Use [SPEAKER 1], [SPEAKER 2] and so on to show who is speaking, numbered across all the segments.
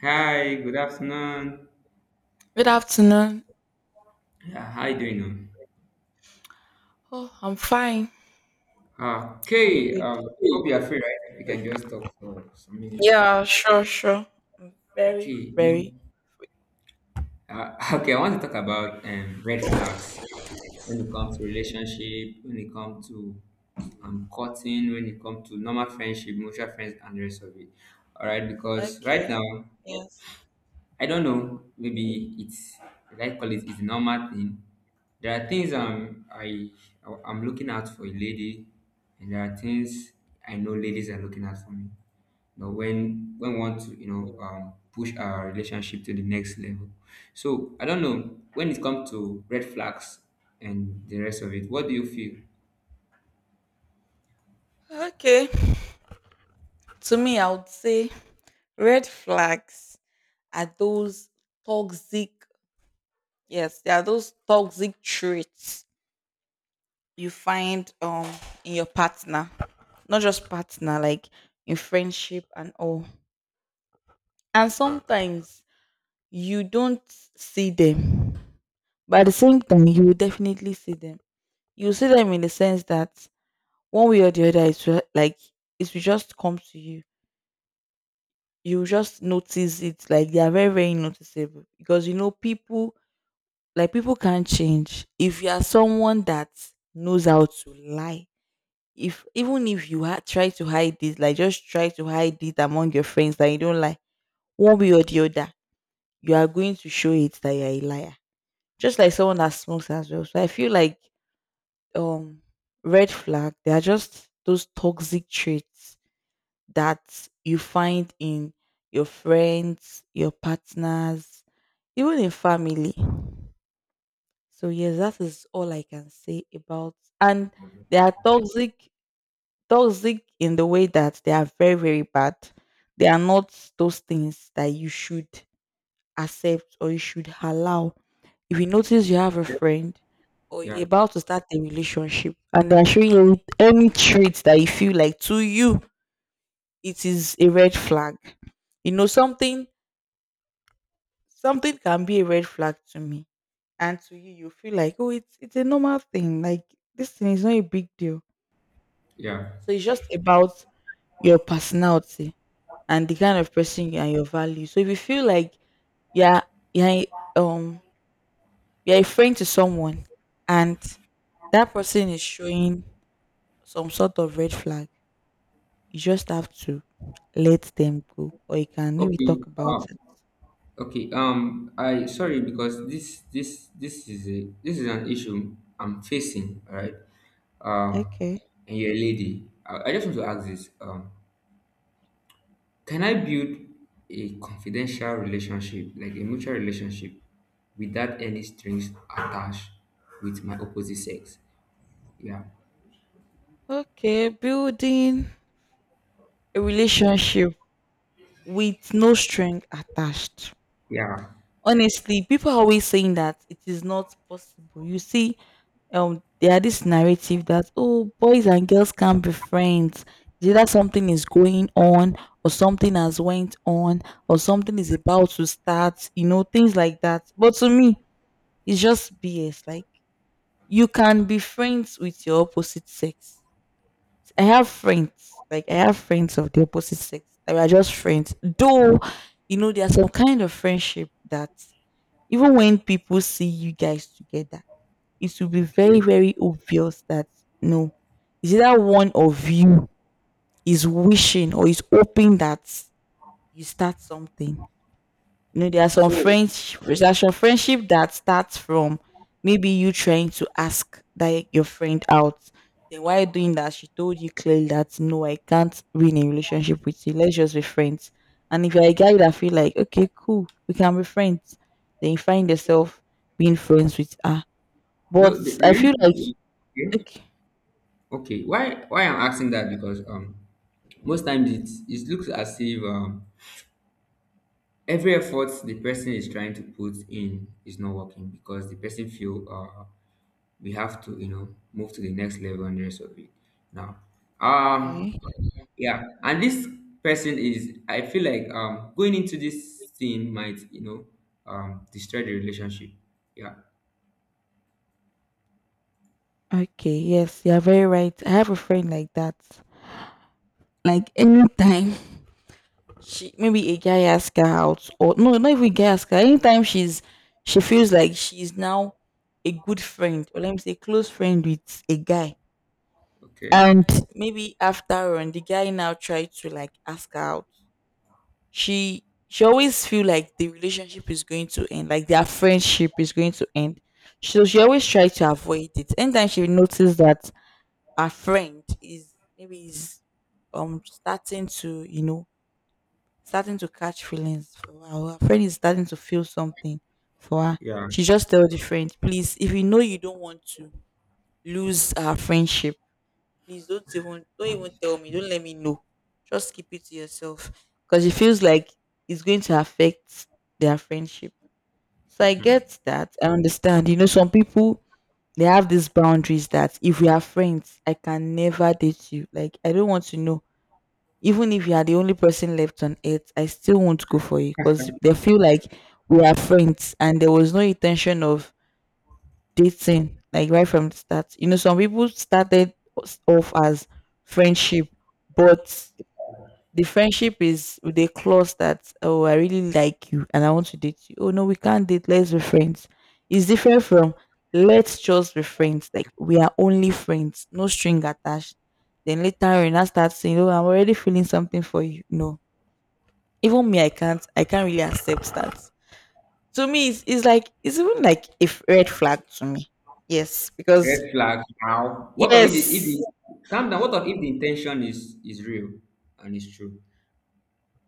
[SPEAKER 1] Hi, good afternoon.
[SPEAKER 2] Good afternoon.
[SPEAKER 1] Yeah, how you doing
[SPEAKER 2] Oh, I'm fine.
[SPEAKER 1] now?
[SPEAKER 2] I'm good.
[SPEAKER 1] Okay, hope you're free, right? We can just talk for some minutes.
[SPEAKER 2] Yeah, sure, sure. Very,
[SPEAKER 1] Okay, no.
[SPEAKER 2] very.
[SPEAKER 1] Okay, I want to talk about red flags when it comes to relationship, when it comes to cutting, when it comes to normal friendship, mutual friends, and the rest of it. All right, because right
[SPEAKER 2] Okay.
[SPEAKER 1] now
[SPEAKER 2] Yes.
[SPEAKER 1] I don't know. Maybe it's like call it is the normal thing. There are things I'm looking out for a lady, and there are things I know ladies are looking out for me. You know, when we want to push our relationship to the next level. So I don't know when it comes to red flags and the rest of it. What do you feel?
[SPEAKER 2] Okay. To me, I would say red flags are those toxic, yes, they are those toxic traits you find in your partner, not just partner, like in friendship and all. And sometimes you don't see them, but at the same time, you will definitely see them. You see them in the sense that one way or the other like it will just come to you. You will just notice it, like they are very, very noticeable, because you know people, like people can't change. If you are someone that knows how to lie, if even if you try to hide it, like just try to hide it among your friends that you don't lie, one way or the other you are going to show it that you're a liar. Just like someone that smokes as well. So I feel like um red flag, they are just those toxic traits that you find in your friends, your partners, even in family. So yes, that is all I can say about. And they are toxic, toxic in the way that they are very, very bad. They are not those things that you should accept or you should allow. If you notice you have a friend or you're
[SPEAKER 1] Yeah,
[SPEAKER 2] about to start a relationship and they're showing you any traits that you feel like to you it is a red flag. You know, something can be a red flag to me. And to you, you feel like, oh, it's a normal thing. Like this thing is not a big deal.
[SPEAKER 1] yeah.
[SPEAKER 2] So it's just about your personality and the kind of person you are, and your value. So if you feel like yeah, yeah, um, you're a friend to someone and that person is showing some sort of red flag, you just have to let them go, or you can maybe
[SPEAKER 1] Okay.
[SPEAKER 2] talk about it.
[SPEAKER 1] Okay, I sorry because this is a this is an issue I'm facing, all right? Um,
[SPEAKER 2] Okay.
[SPEAKER 1] and you're a lady. I just want to ask this. Can I build a confidential relationship, like a mutual relationship, without any strings attached with my opposite sex? Yeah,
[SPEAKER 2] Okay. Building a relationship with no string attached.
[SPEAKER 1] yeah.
[SPEAKER 2] Honestly, people are always saying that it is not possible. You see, there are this narrative that oh, boys and girls can't be friends. It's either something is going on, or something has went on, or something is about to start, you know, things like that. But to me it's just BS. Like you can be friends with your opposite sex. I have friends, like I have friends of the opposite sex. They are just friends though. You know, there's some kind of friendship that even when people see you guys together, it will be
[SPEAKER 1] Okay.
[SPEAKER 2] very, very obvious that no, it's either one of you is wishing or is hoping that you start something. You know, there are some
[SPEAKER 1] So
[SPEAKER 2] friends, there's some friendship that starts from maybe you trying to ask that your friend out. Then while doing that, she told you clearly that no, I can't be in a relationship with you. Let's just be friends. And if you're a guy that feel like okay, cool, we can be friends, then you find yourself being friends with her.
[SPEAKER 1] no, the,
[SPEAKER 2] But I
[SPEAKER 1] the
[SPEAKER 2] feel
[SPEAKER 1] reason,
[SPEAKER 2] like
[SPEAKER 1] okay,
[SPEAKER 2] okay.
[SPEAKER 1] okay. Why I'm asking that because most times it it looks as if every effort the person is trying to put in is not working because the person feel we have to move to the next level and the rest of it now, um
[SPEAKER 2] Okay.
[SPEAKER 1] yeah, and this person is, I feel like going into this thing might, destroy the relationship, yeah.
[SPEAKER 2] Okay. Yes, you're very right. I have a friend like that. Like anytime she maybe a guy asks her out or no, not even a guy asks her. Anytime she feels like she's now a good friend, or let me say close friend, with a guy.
[SPEAKER 1] Okay,
[SPEAKER 2] And maybe after on the guy now tried to like ask her out. She always feel like the relationship is going to end, like their friendship is going to end. So she always
[SPEAKER 1] okay.
[SPEAKER 2] try to avoid it. Anytime she notices that our friend is maybe is starting to you know starting to catch feelings for her. Her friend is starting to feel something for her.
[SPEAKER 1] Yeah,
[SPEAKER 2] She just tell the friend, please, if you know you don't want to lose our friendship, please don't even tell me. Don't let me know. Just keep it to yourself. Because it feels like it's going to affect their friendship. So I get that. I understand. You know, some people they have these boundaries that if we are friends, I can never date you. Like I don't want to know. Even if you are the only person left on earth, I still won't go for you, because they feel like we are friends and there was no intention of dating, like right from the start. You know, some people started us off as friendship, but the friendship is with a clause that oh, I really like you and I want to date you. Oh no, we can't date. Let's be friends. It's different from let's just be friends. Like we are only friends, no string attached. Then later on, you now start saying, oh, I'm already feeling something for you. No, even me, I can't. I can't really accept that. To me, it's like it's even like a red flag to me. Yes,
[SPEAKER 1] red
[SPEAKER 2] because
[SPEAKER 1] flag. Now what of it if
[SPEAKER 2] yes,
[SPEAKER 1] the calm down, what of if the intention is real and it's true?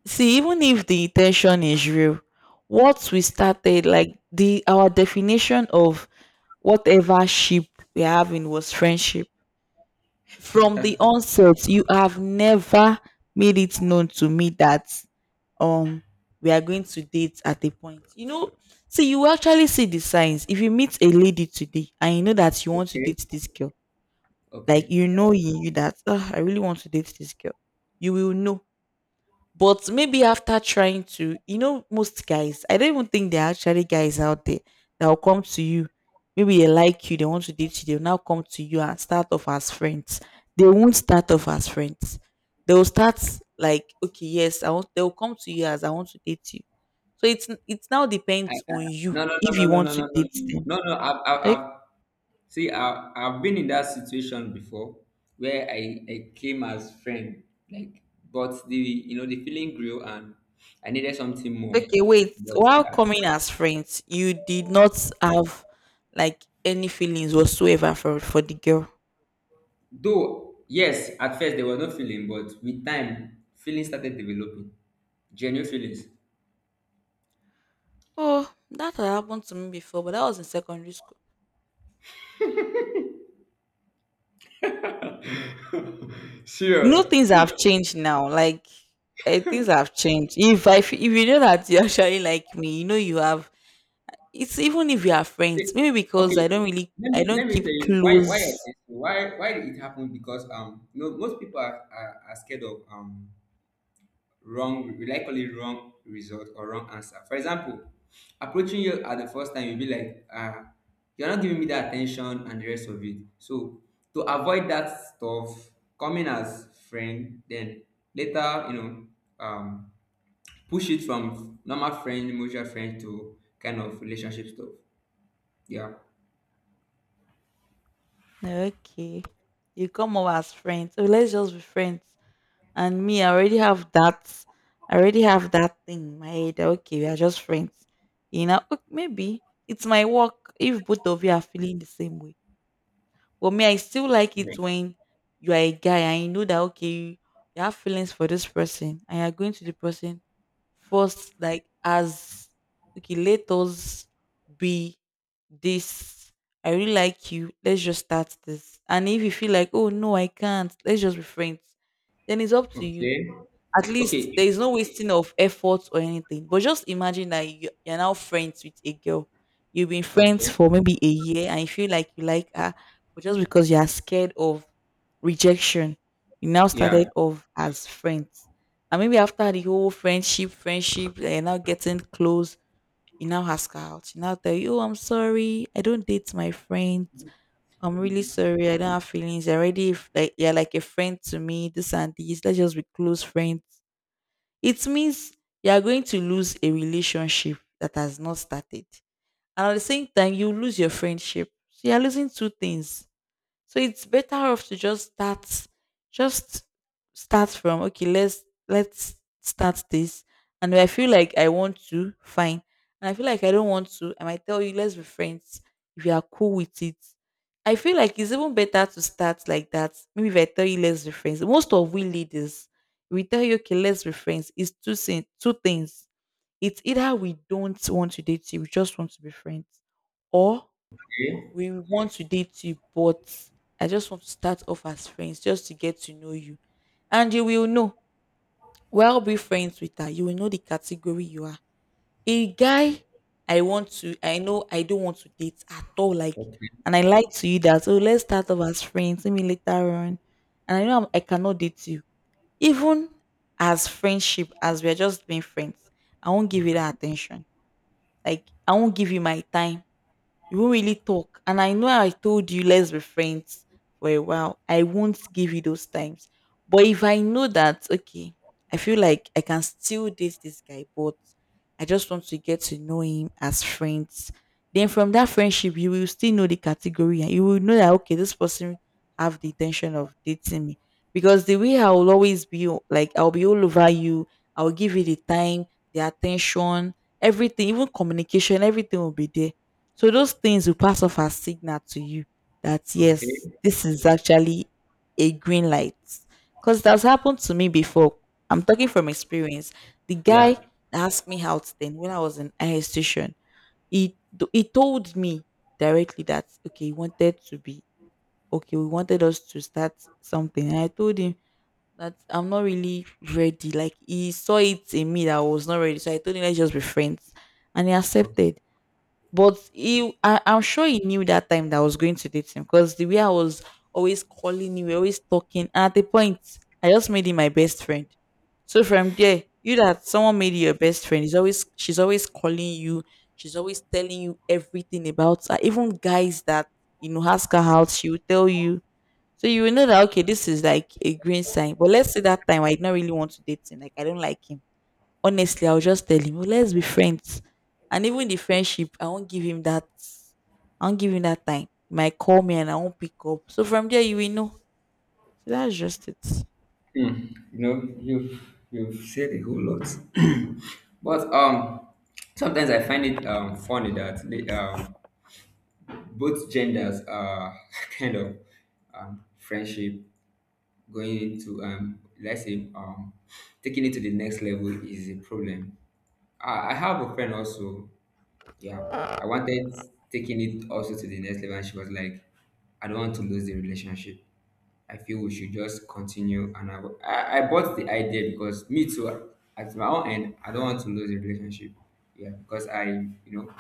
[SPEAKER 2] see, even if the intention is real, what we started, like the our definition of whatever ship we're having was friendship. From the onset, you have never made it known to me that um we are going to date at a point. You know, see, you will actually see the signs. If you meet a lady today and you know that you want to
[SPEAKER 1] Okay,
[SPEAKER 2] date this girl, like
[SPEAKER 1] okay.
[SPEAKER 2] you know in you that "Ah, I really want to date this girl," you will know. But maybe after trying to, you know, most guys, I don't even think there are actually guys out there that will come to you. Maybe they like you, they want to date you, they'll now come to you and start off as friends. They won't start off as friends. They will start like, okay, yes, I want they'll come to you as I want to date you. So it's it now
[SPEAKER 1] I,
[SPEAKER 2] depends
[SPEAKER 1] I,
[SPEAKER 2] on you
[SPEAKER 1] no, no, no,
[SPEAKER 2] if
[SPEAKER 1] no,
[SPEAKER 2] you
[SPEAKER 1] no,
[SPEAKER 2] want
[SPEAKER 1] no,
[SPEAKER 2] to
[SPEAKER 1] no,
[SPEAKER 2] date
[SPEAKER 1] no,
[SPEAKER 2] them.
[SPEAKER 1] no, no.
[SPEAKER 2] Like,
[SPEAKER 1] I've see, I've been in that situation before, where I came as friend, like, but the, you know, the feeling grew and I needed something more.
[SPEAKER 2] okay, wait,
[SPEAKER 1] But
[SPEAKER 2] while
[SPEAKER 1] yeah.
[SPEAKER 2] coming as friends, you did not have like any feelings whatsoever for the girl.
[SPEAKER 1] Though yes, at first there was no feeling, but with time, feelings started developing, genuine feelings.
[SPEAKER 2] Oh, that had happened to me before, but that was in secondary school. You
[SPEAKER 1] Serious.
[SPEAKER 2] know, things have changed now. Like eh, things have changed. If I, if you know that you actually like me, you know you have. It's even if you are
[SPEAKER 1] See,
[SPEAKER 2] friends. Maybe because
[SPEAKER 1] okay,
[SPEAKER 2] I don't really,
[SPEAKER 1] let me
[SPEAKER 2] I don't keep
[SPEAKER 1] tell you why I
[SPEAKER 2] close.
[SPEAKER 1] say so. Why did it happen? Because you know, most people are, are scared of wrong, likely wrong result or wrong answer. For example, approaching you at the first time, you'll be like, you're not giving me the attention and the rest of it. So to avoid that stuff, coming as friend, then later, you know, um, push it from normal friend, mutual friend to kind of relationship stuff. Yeah.
[SPEAKER 2] Okay, you come over as friends. So let's just be friends. And me, I already have that. I already have that thing in my head. Okay, we are just friends. You know, ok, maybe it's my work. If both of you are feeling the same way. But me, I still like it when you are a guy and you know that okay, you have feelings for this person and you're going to the person first, like as okay, let us be this. I really like you. Let's just start this. And if you feel like, oh no, I can't, let's just be friends, then it's up to you.
[SPEAKER 1] Okay.
[SPEAKER 2] At least
[SPEAKER 1] Okay.
[SPEAKER 2] there is no wasting of effort or anything. But just imagine that you, you're now friends with a girl. You've been friends
[SPEAKER 1] Okay.
[SPEAKER 2] for maybe a year and you feel like you like her, but just because you are scared of rejection, you now
[SPEAKER 1] Yeah.
[SPEAKER 2] started off as friends. And maybe after the whole friendship, eh, you're now getting close, you now ask her out. You now tell you, oh, I'm sorry, I don't date my friends. I'm really sorry. I don't have feelings. You're already like you're like a friend to me. This and this. Let's just be close friends. It means you are going to lose a relationship that has not started. And at the same time, you lose your friendship. So you are losing two things. So it's better off to just start from okay, let's start this. And if I feel like I want to, fine. And I feel like I don't want to, I might tell you let's be friends if you are cool with it. I feel like it's even better to start like that. Maybe if I tell you let's be friends, most of we leaders, we tell you okay, let's be friends. It's two two things. It's either we don't want to date you, we just want to be friends, or
[SPEAKER 1] Okay.
[SPEAKER 2] we want to date you, but I just want to start off as friends just to get to know you. And you will know. Well, be friends with her. You will know the category you are. A guy I want to, I know I don't want to date at all. Like,
[SPEAKER 1] Okay.
[SPEAKER 2] and I like to you that. So let's start off as friends. Let me later on. And I know I'm, I cannot date you. Even as friendship, as we're just being friends, I won't give you
[SPEAKER 1] Okay.
[SPEAKER 2] that attention. Like, I won't give you my time. You won't really talk. And I know I told you let's be friends for a while. I won't give you those times. But if I know that, okay, I feel like I can still date this guy, but I just want to get to know him as friends. Then from that friendship, you will still know the category and you will know that okay, this person have the intention of dating me. Because the way I will always be o- like I'll be all over you, I'll give you the time, the attention, everything, even communication, everything will be there. So those things will pass off as signal to you that
[SPEAKER 1] Okay.
[SPEAKER 2] yes, this is actually a green light. Because that's happened to me before. I'm talking from experience. The
[SPEAKER 1] Yeah.
[SPEAKER 2] guy asked me out then when I was in high institution. He told me directly that okay, he wanted to be okay, we wanted us to start something. And I told him that I'm not really ready. Like he saw it in me that I was not ready. So I told him let's just be friends. And he
[SPEAKER 1] Okay.
[SPEAKER 2] accepted but I'm sure he knew that time that I was going to date him because the way I was always calling you, we were always talking. And at the point, I just made him my best friend. So from there, you that someone made you your best friend, is always she's always calling you, she's always telling you everything about her. Even guys that you know ask her out, she will tell you. So you will know that okay, this is like a green sign. But let's say that time I did not really want to date him, like I don't like him honestly, I'll just tell him, "Oh, let's be friends. And even the friendship, I won't give him that. I won't give him that time. He might call me and I won't pick up. So from there, you will know. So that's just it.
[SPEAKER 1] Hmm. You know, you've said a whole lot, but sometimes I find it funny that the both genders are kind of friendship going into let's say taking it to the next level is a problem. I have a friend also. Yeah. I wanted taking it also to the next level and she was like, I don't want to lose the relationship. I feel we should just continue. And I bought the idea because me too, at my own end, I don't want to lose the relationship. Yeah, because I, you know,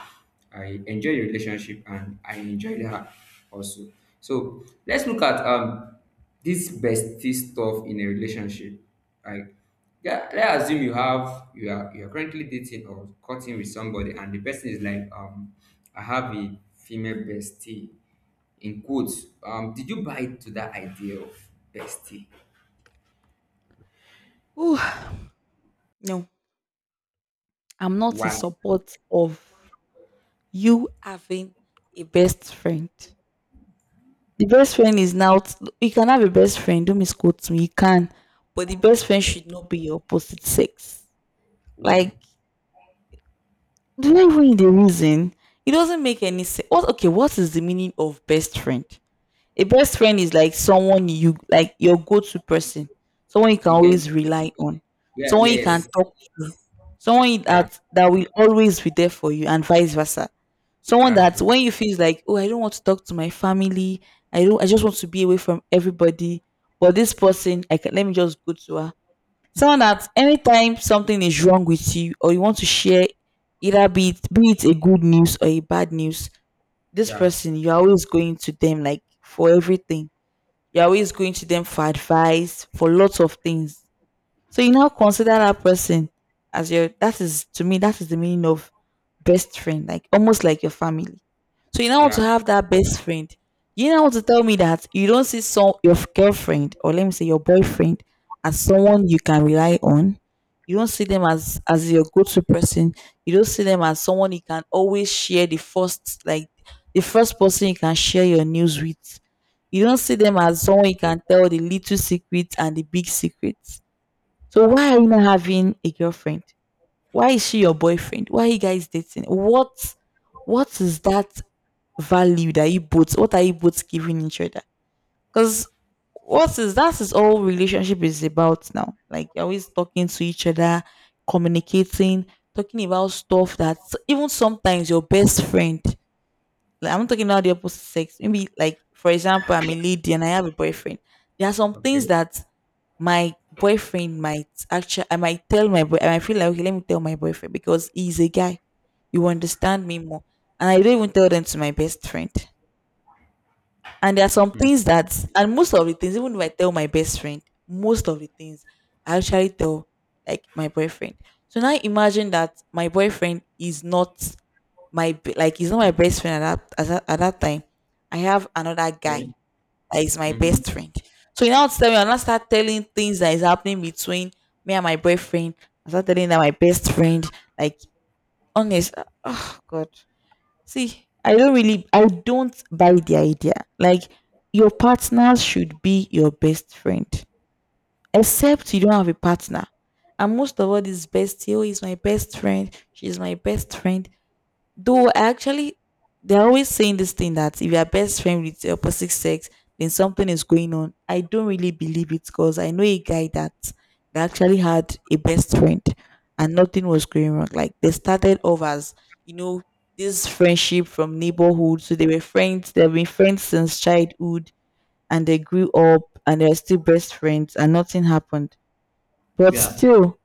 [SPEAKER 1] I enjoy the relationship and I enjoyed her also. So let's look at this bestie stuff in a relationship. Like, yeah, let's assume you have, you are currently dating or cutting with somebody, and the person is like, I have a female bestie in quotes. Um, did you buy to that idea of bestie?
[SPEAKER 2] Whew. No, I'm not in
[SPEAKER 1] Why?
[SPEAKER 2] support of you having a best friend. The best friend is now, you can have a best friend, don't misquote me, you can. But the best friend
[SPEAKER 1] Okay,
[SPEAKER 2] should not be your opposite sex.
[SPEAKER 1] why?
[SPEAKER 2] Like, do you read the reason? It doesn't make any sense. Okay, what is the meaning of best friend? A best friend is like someone you like your go-to person, someone you can
[SPEAKER 1] You can,
[SPEAKER 2] always rely on,
[SPEAKER 1] yeah,
[SPEAKER 2] someone you can
[SPEAKER 1] yes,
[SPEAKER 2] talk to, someone you-
[SPEAKER 1] yeah,
[SPEAKER 2] that that will always be there for you, and vice versa. Someone
[SPEAKER 1] that's
[SPEAKER 2] that
[SPEAKER 1] true.
[SPEAKER 2] when you feel like, oh, I don't want to talk to my family, I don't, I just want to be away from everybody, but this person, I can let me just go to her, someone that anytime something is wrong with you or you want to share, either be it a good news or a bad news, this
[SPEAKER 1] Yeah,
[SPEAKER 2] person you're always going to them like for everything, you're always going to them for advice for lots of things. So you now consider that person as your, that is to me, that is the meaning of best friend, like almost like your family. So you now want to
[SPEAKER 1] yeah,
[SPEAKER 2] have that best friend. You now want to tell me that you don't see some your girlfriend, or let me say your boyfriend, as someone you can rely on. You don't see them as your go-to person. You don't see them as someone you can always share the first, like the first person you can share your news with. You don't see them as someone you can tell the little secret and the big secret. So why are you not having a girlfriend? Why is she your boyfriend? Why are you guys dating? What is that value that you both, what are you both giving each other? Because what is that, is all relationship is about now. Like you're always talking to each other, communicating, talking about stuff that, even sometimes your best friend, like I'm not talking about the opposite sex. Maybe like for example, I'm a lady and I have a boyfriend. There are some things
[SPEAKER 1] okay.
[SPEAKER 2] that my boyfriend might actually, I might tell my boy I might feel like okay, let me tell my boyfriend because he's a guy. You understand me more. And I don't even tell them to my best friend. And there are some
[SPEAKER 1] Hmm.
[SPEAKER 2] things that, and most of the things, even if I tell my best friend, most of the things I actually tell like my boyfriend. So now imagine that my boyfriend is not my be- like he's not my best friend at that time. I have another
[SPEAKER 1] Okay.
[SPEAKER 2] guy that is my
[SPEAKER 1] Mm-hmm.
[SPEAKER 2] best friend. So you now tell me, I not start telling things that is happening between me and my boyfriend. I start telling that my best friend, like honest, oh god. See, I don't buy the idea. Like your partner should be your best friend, except you don't have a partner. And most of all, this bestie, oh, is my best friend. She's my best friend. Though I actually, they're always saying this thing that if you're best friend with the opposite sex, then something is going on. I don't really believe it because I know a guy that actually had a best friend and nothing was going wrong. Like they started off as, you know, this friendship from neighborhood. So they were friends, they've been friends since childhood and they grew up and they're still best friends and nothing happened. But
[SPEAKER 1] Yeah,
[SPEAKER 2] still,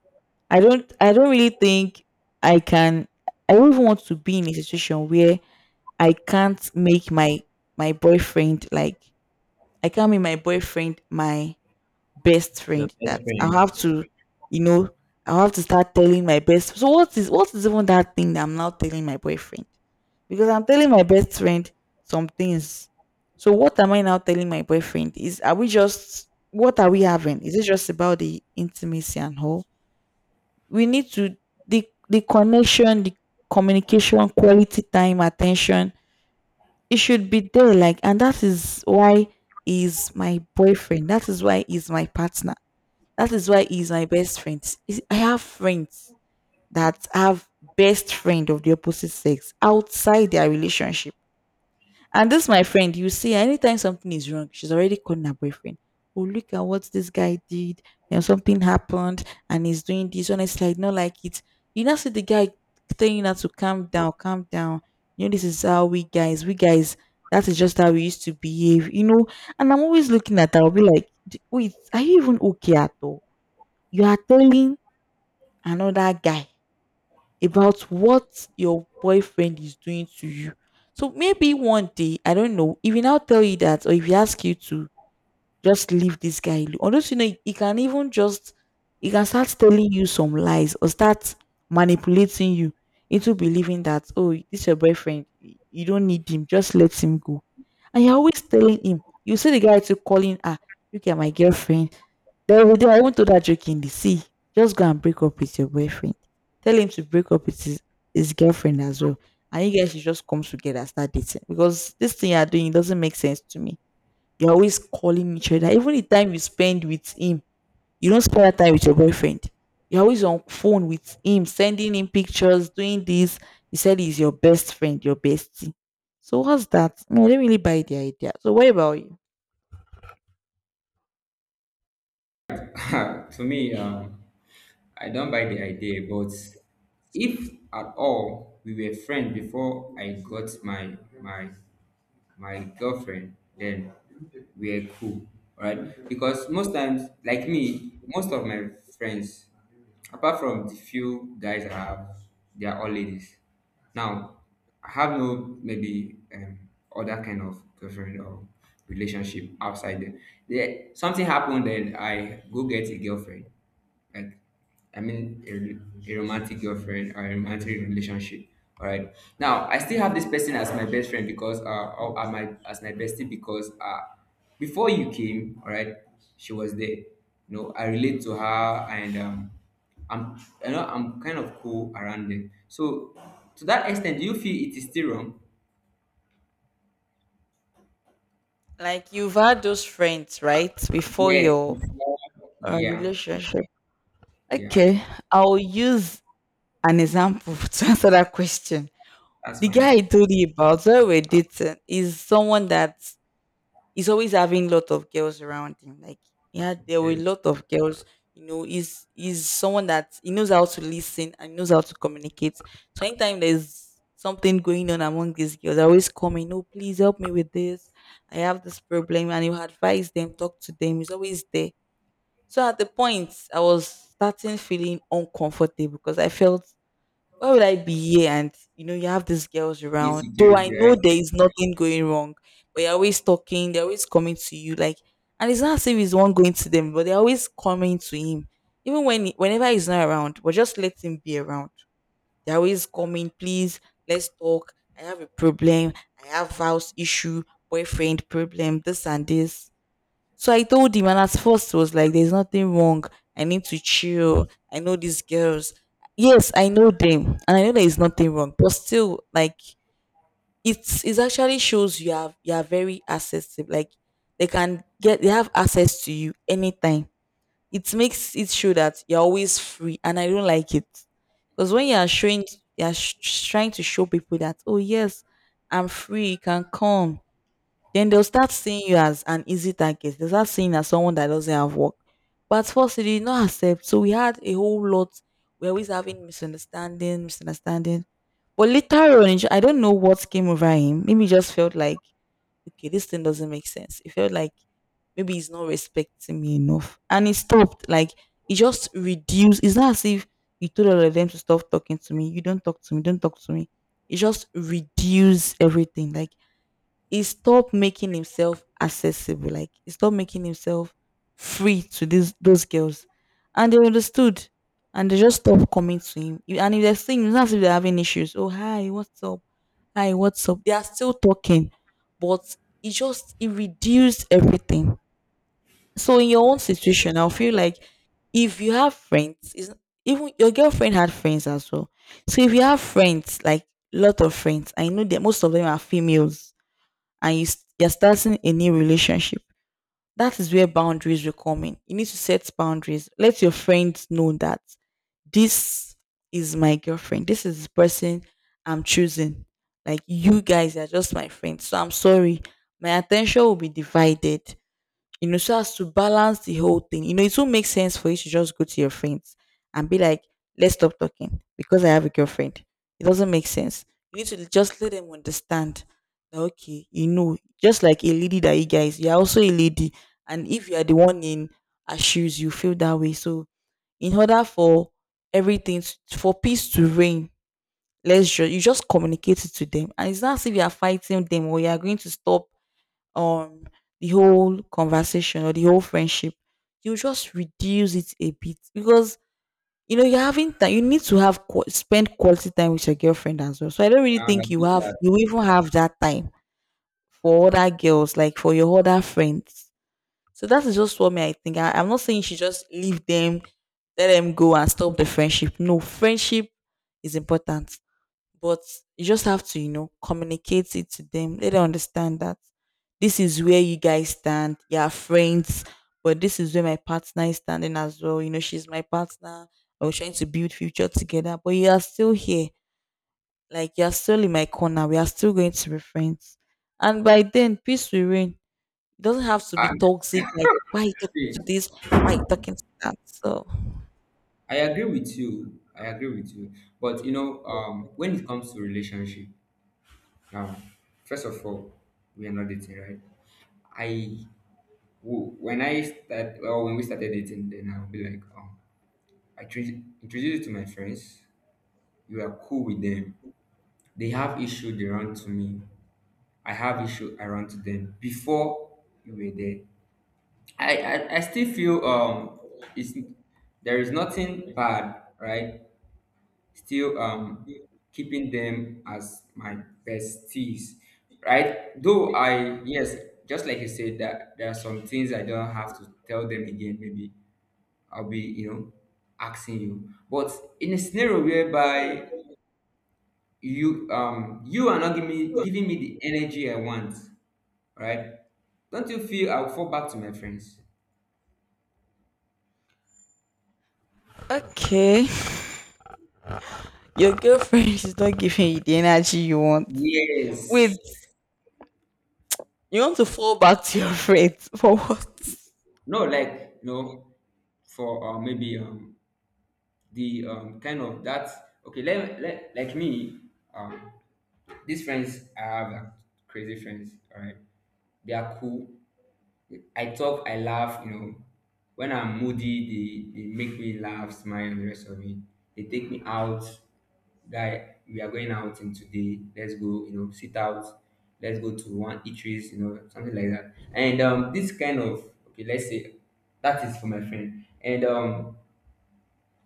[SPEAKER 2] I don't really think I can, I don't even want to be in a situation where I can't make my boyfriend, like I can't make my boyfriend my best
[SPEAKER 1] yeah.
[SPEAKER 2] friend. That I'll have to, you know, I'll have to start telling my best. So what is even that thing that I'm now telling my boyfriend? Because I'm telling my best friend some things. So what am I now telling my boyfriend? Is, are we just, what are we having? Is it just about the intimacy and all? We need to, the connection, the communication, quality time, attention, it should be there. Like, and that is why he's my boyfriend, that is why he's my partner, that is why he's my best friend. Is- I have friends that have best friend of the opposite sex outside their relationship, and this my friend, you see, anytime something is wrong, she's already calling her boyfriend. Oh, look at what this guy did, and something happened, and he's doing this. And it's like, not like it. You now see the guy telling her to calm down, calm down. You know, this is how we guys, that is just how we used to behave, you know. And I'm always looking at her, I'll be like, "D- wait, are you even okay at all? You are telling another guy about what your boyfriend is doing to you. So maybe one day, I don't know, if he now tell you that, or if he ask you to just leave this guy alone, or don't, you know, he can even just, he can start telling you some lies or start manipulating you into believing that oh, this your boyfriend, you don't need him, just let him go. And you're always telling him. You see the guy to calling, ah, look at my girlfriend, there will be, I won't throw that joke in the sea. Just go and break up with your boyfriend. Tell him to break up with his girlfriend as well. And you guys should just come together, and start dating. Because this thing you're doing, it doesn't make sense to me. You're always calling each other. Even the time you spend with him, you don't spend that time with your boyfriend. You're always on phone with him, sending him pictures, doing this. He said he's your best friend, your bestie. So what's that? No, I don't really buy the idea. So what about you?
[SPEAKER 1] To me, I don't buy the idea, but if at all we were friends before I got my my girlfriend, then we are cool, right? Because most times, like me, most of my friends, apart from the few guys I have, they are all ladies. Now, I have no maybe other kind of girlfriend or relationship outside there. There. Something happened, then I go get a girlfriend, like I mean a romantic girlfriend or a romantic relationship. All right. Now I still have this person as my best friend because or as my bestie because, before you came, all right, she was there. You know, I relate to her and I'm, you know, I'm kind of cool around them. So to that extent, do you feel it is still wrong?
[SPEAKER 2] Like you've had those friends, right? Before
[SPEAKER 1] Yes,
[SPEAKER 2] your
[SPEAKER 1] before, yeah,
[SPEAKER 2] relationship.
[SPEAKER 1] yeah.
[SPEAKER 2] Okay, I'll use an example to answer that question.
[SPEAKER 1] That's
[SPEAKER 2] The guy I
[SPEAKER 1] fine.
[SPEAKER 2] told you about, when we were dating, is someone that he's always having lot of girls around him. Like yeah, there were a
[SPEAKER 1] Okay.
[SPEAKER 2] lot of girls. You know, he's someone that he knows how to listen and knows how to communicate. So anytime there's something going on among these girls, I always come in, oh please help me with this. I have this problem and he'll advise them, talk to them. He's always there. So at the point I was starting feeling uncomfortable because I felt why would I be here? And you know, you have these girls around. Though
[SPEAKER 1] Insecurity,
[SPEAKER 2] I know
[SPEAKER 1] right?
[SPEAKER 2] there is nothing going wrong, but you're always talking, they're always coming to you. Like, and it's not as if he's the one going to them, but they're always coming to him. Even whenever he's not around, but just let him be around. They're always coming, please, let's talk. I have a problem. I have house issue, boyfriend problem, this and this. So I told him, and at first he was like, "There's nothing wrong. I need to chill. I know these girls. Yes, I know them, and I know there is nothing wrong. But still, like it actually shows you are very accessible. Like they can get they have access to you anytime. It makes it show that you're always free, and I don't like it because when you are showing, you are trying to show people that oh yes, I'm free. You can come. Then they'll start seeing you as an easy target. They'll start seeing you as someone that doesn't have work. But at first, they did not accept. So we had a whole lot. We're always having misunderstanding, misunderstanding. But later on, I don't know what came over him. Maybe he just felt like, okay, this thing doesn't make sense. He felt like maybe he's not respecting me enough. And he stopped. Like, he just reduced. It's not as if he told all of them to stop talking to me. You don't talk to me. Don't talk to me. It just reduced everything. Like, he stopped making himself accessible. Like he stopped making himself free to these those girls, and they understood, and they just stopped coming to him. And if they're seeing, it's not as if they're having issues. Oh, hi, what's up? Hi, what's up? They are still talking, but it just it reduced everything. So in your own situation, I feel like if you have friends, is even your girlfriend had friends as well. So if you have friends, like lot of friends, I know that most of them are females and you're starting a new relationship. That is where boundaries will come in. You need to set boundaries. Let your friends know that this is my girlfriend. This is the person I'm choosing. Like you guys are just my friends. So I'm sorry. My attention will be divided, so as to balance the whole thing. It won't make sense for you to just go to your friends and be like, let's stop talking because I have a girlfriend. It doesn't make sense. You need to just let them understand that, okay, just like a lady that you guys, you're also a lady. And if you are the one in her shoes, you feel that way. So, in order for everything, for peace to reign, You just communicate it to them. And it's not as if you are fighting them or you are going to stop um the whole conversation or the whole friendship, you just reduce it a bit because you know you're having time. You need to have spend quality time with your girlfriend as well. So I don't really
[SPEAKER 1] I
[SPEAKER 2] think you
[SPEAKER 1] understand
[SPEAKER 2] have
[SPEAKER 1] that.
[SPEAKER 2] you even have that time for other girls, like for your other friends. So that is just what me I think. I'm not saying you should just leave them, let them go and stop the friendship. No, friendship is important. But you just have to, communicate it to them. Let them understand that this is where you guys stand. You are friends, but this is where my partner is standing as well. She's my partner. I was trying to build future together, but you are still here. Like you are still in my corner. We are still going to be friends. And by then, peace will reign. It doesn't have to be
[SPEAKER 1] I
[SPEAKER 2] toxic. Like, why are you talking
[SPEAKER 1] see.
[SPEAKER 2] to this? Why are you talking to that? So
[SPEAKER 1] I agree with you. I agree with you. But you know, when it comes to relationship, now, first of all, we are not dating, right? I when I start, well, when we started dating, then I'll be like, um, introduce you to my friends. You are cool with them. They have issue, they run to me. I have issue, I run to them. Before you were there, I still feel, it's there is nothing bad, right? Still keeping them as my besties, right? Though I, yes, just like you said that there are some things I don't have to tell them again. Maybe I'll be, you know, asking you, but in a scenario whereby you, you are not giving me the energy I want, right? Don't you feel I'll fall back to my friends?
[SPEAKER 2] okay, your girlfriend is not giving you the energy you want. Wait,
[SPEAKER 1] Yes.
[SPEAKER 2] you want to fall back to your friends for what?
[SPEAKER 1] No, like you know, for maybe, the, kind of that okay, let, like me, um these friends I have are crazy friends, all right? They are cool. I talk, I laugh, you know, when I'm moody, they make me laugh, smile, and the rest of it. They take me out, guy, we are going out in today, let's go, you know, sit out, let's go to one eateries, you know, something like that. And this kind of, okay, let's say that is for my friend. And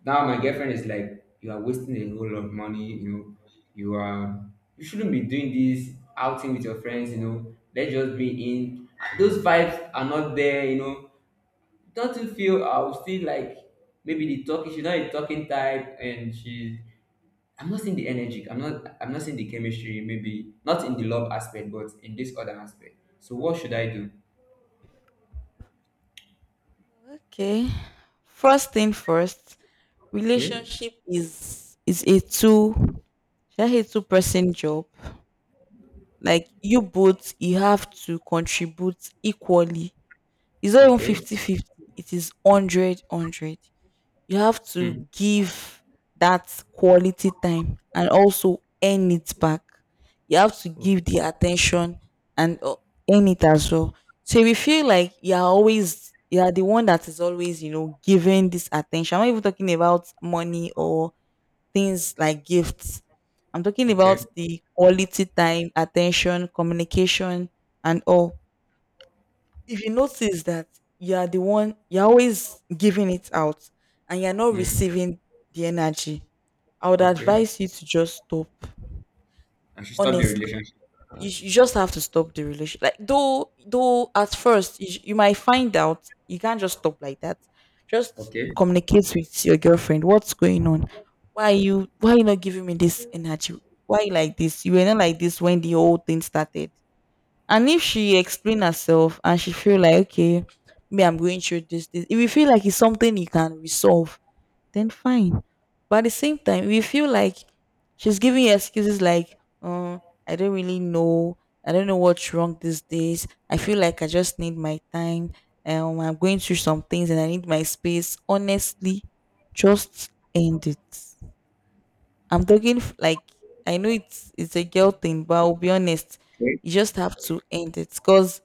[SPEAKER 1] now my girlfriend is like, you are wasting a whole lot of money, you know, you are, you shouldn't be doing this outing with your friends, you know. Let's just be in those vibes are not there, you know. Don't you feel I'll still like, maybe the talking, she's not a talking type, and she, I'm not seeing the energy, I'm not seeing the chemistry, maybe not in the love aspect, but in this other aspect. So what should I do?
[SPEAKER 2] Okay. First thing first,
[SPEAKER 1] Okay,
[SPEAKER 2] relationship is a two, should I say, two-person job. Like you both, you have to contribute equally. It's not even
[SPEAKER 1] okay,
[SPEAKER 2] 50/50. It is one hundred one hundred. You have
[SPEAKER 1] hmm.
[SPEAKER 2] to give that quality time and also earn it back. You have to
[SPEAKER 1] Okay,
[SPEAKER 2] give the attention and earn it as well. So if you feel like you're the one that is always, giving this attention. I'm not even talking about money or things like gifts. I'm talking about
[SPEAKER 1] okay,
[SPEAKER 2] the quality time, attention, communication, and all. If you notice that you are the one, you're always giving it out and you're not
[SPEAKER 1] mm.
[SPEAKER 2] receiving the energy, I would
[SPEAKER 1] Okay.
[SPEAKER 2] advise you to just stop.
[SPEAKER 1] I should stop the
[SPEAKER 2] Honestly,
[SPEAKER 1] relationship.
[SPEAKER 2] you just have to stop the relation, like, though at first you might find out you can't just stop like that. Just
[SPEAKER 1] Okay.
[SPEAKER 2] communicate with your girlfriend what's going on. Why are you not giving me this energy? Why are you like this? You were not like this when the whole thing started. And if she explain herself and she feel like, okay, me I'm going through this, this. If you feel like it's something you can resolve, then fine. But at the same time, if you feel like she's giving you excuses like, I don't really know, I don't know what's wrong these days. I feel like I just need my time. I'm going through some things and I need my space. Honestly, just end it. I'm talking like I know it's a girl thing, but I'll be honest,
[SPEAKER 1] Okay.
[SPEAKER 2] you just have to end it because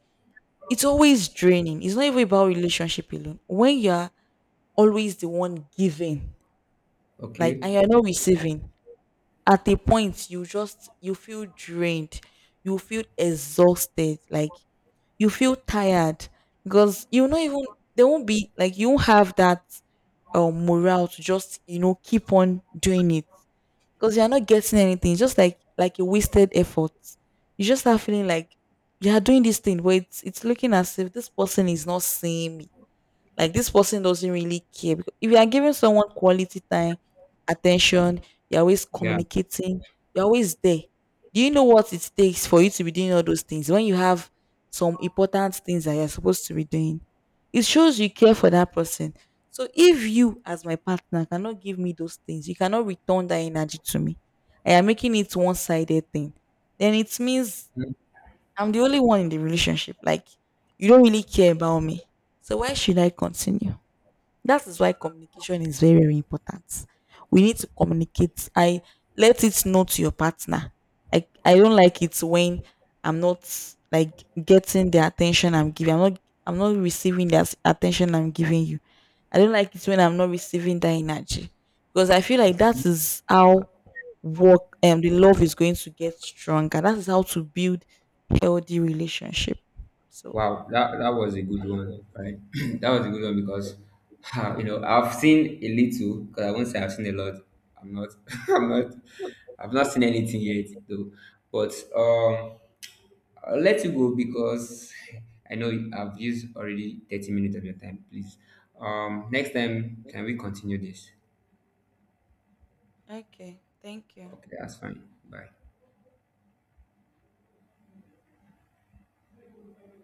[SPEAKER 2] it's always draining. It's not even about relationship alone. When you're always the one giving, like,
[SPEAKER 1] Okay.
[SPEAKER 2] and you're not receiving, at a point you just you feel drained, you feel exhausted, like you feel tired because even there won't be like you won't have that morale to just keep on doing it because you're not getting anything. It's just like a wasted effort. You just start feeling like you are doing this thing, where it's looking as if this person is not seeing me. Like, this person doesn't really care. Because if you are giving someone quality time, attention, you're always
[SPEAKER 1] Yeah.
[SPEAKER 2] communicating, you're always there. Do you know what it takes for you to be doing all those things when you have some important things that you're supposed to be doing? It shows you care for that person. So if you, as my partner, cannot give me those things, you cannot return that energy to me. I am making it one-sided thing. Then it means
[SPEAKER 1] Mm.
[SPEAKER 2] I'm the only one in the relationship. Like, you don't really care about me. So why should I continue? That is why communication is very, very important. We need to communicate. I let it know to your partner. I don't like it when I'm not like getting the attention I'm giving. I'm not receiving the attention I'm giving you. I don't like it when I'm not receiving that energy because I feel like
[SPEAKER 1] Okay.
[SPEAKER 2] that is how work and the love is going to get stronger. That is how to build healthy relationship. So
[SPEAKER 1] Wow, that was a good one, right? That was a good one because you know I've seen a little, because I won't say I've seen a lot. I'm not. I'm not. I've not seen anything yet though. But I'll let you go because I know I've used already 30 minutes of your time. Please, next time can we continue this?
[SPEAKER 2] okay. Thank you.
[SPEAKER 1] Okay, that's fine. Bye.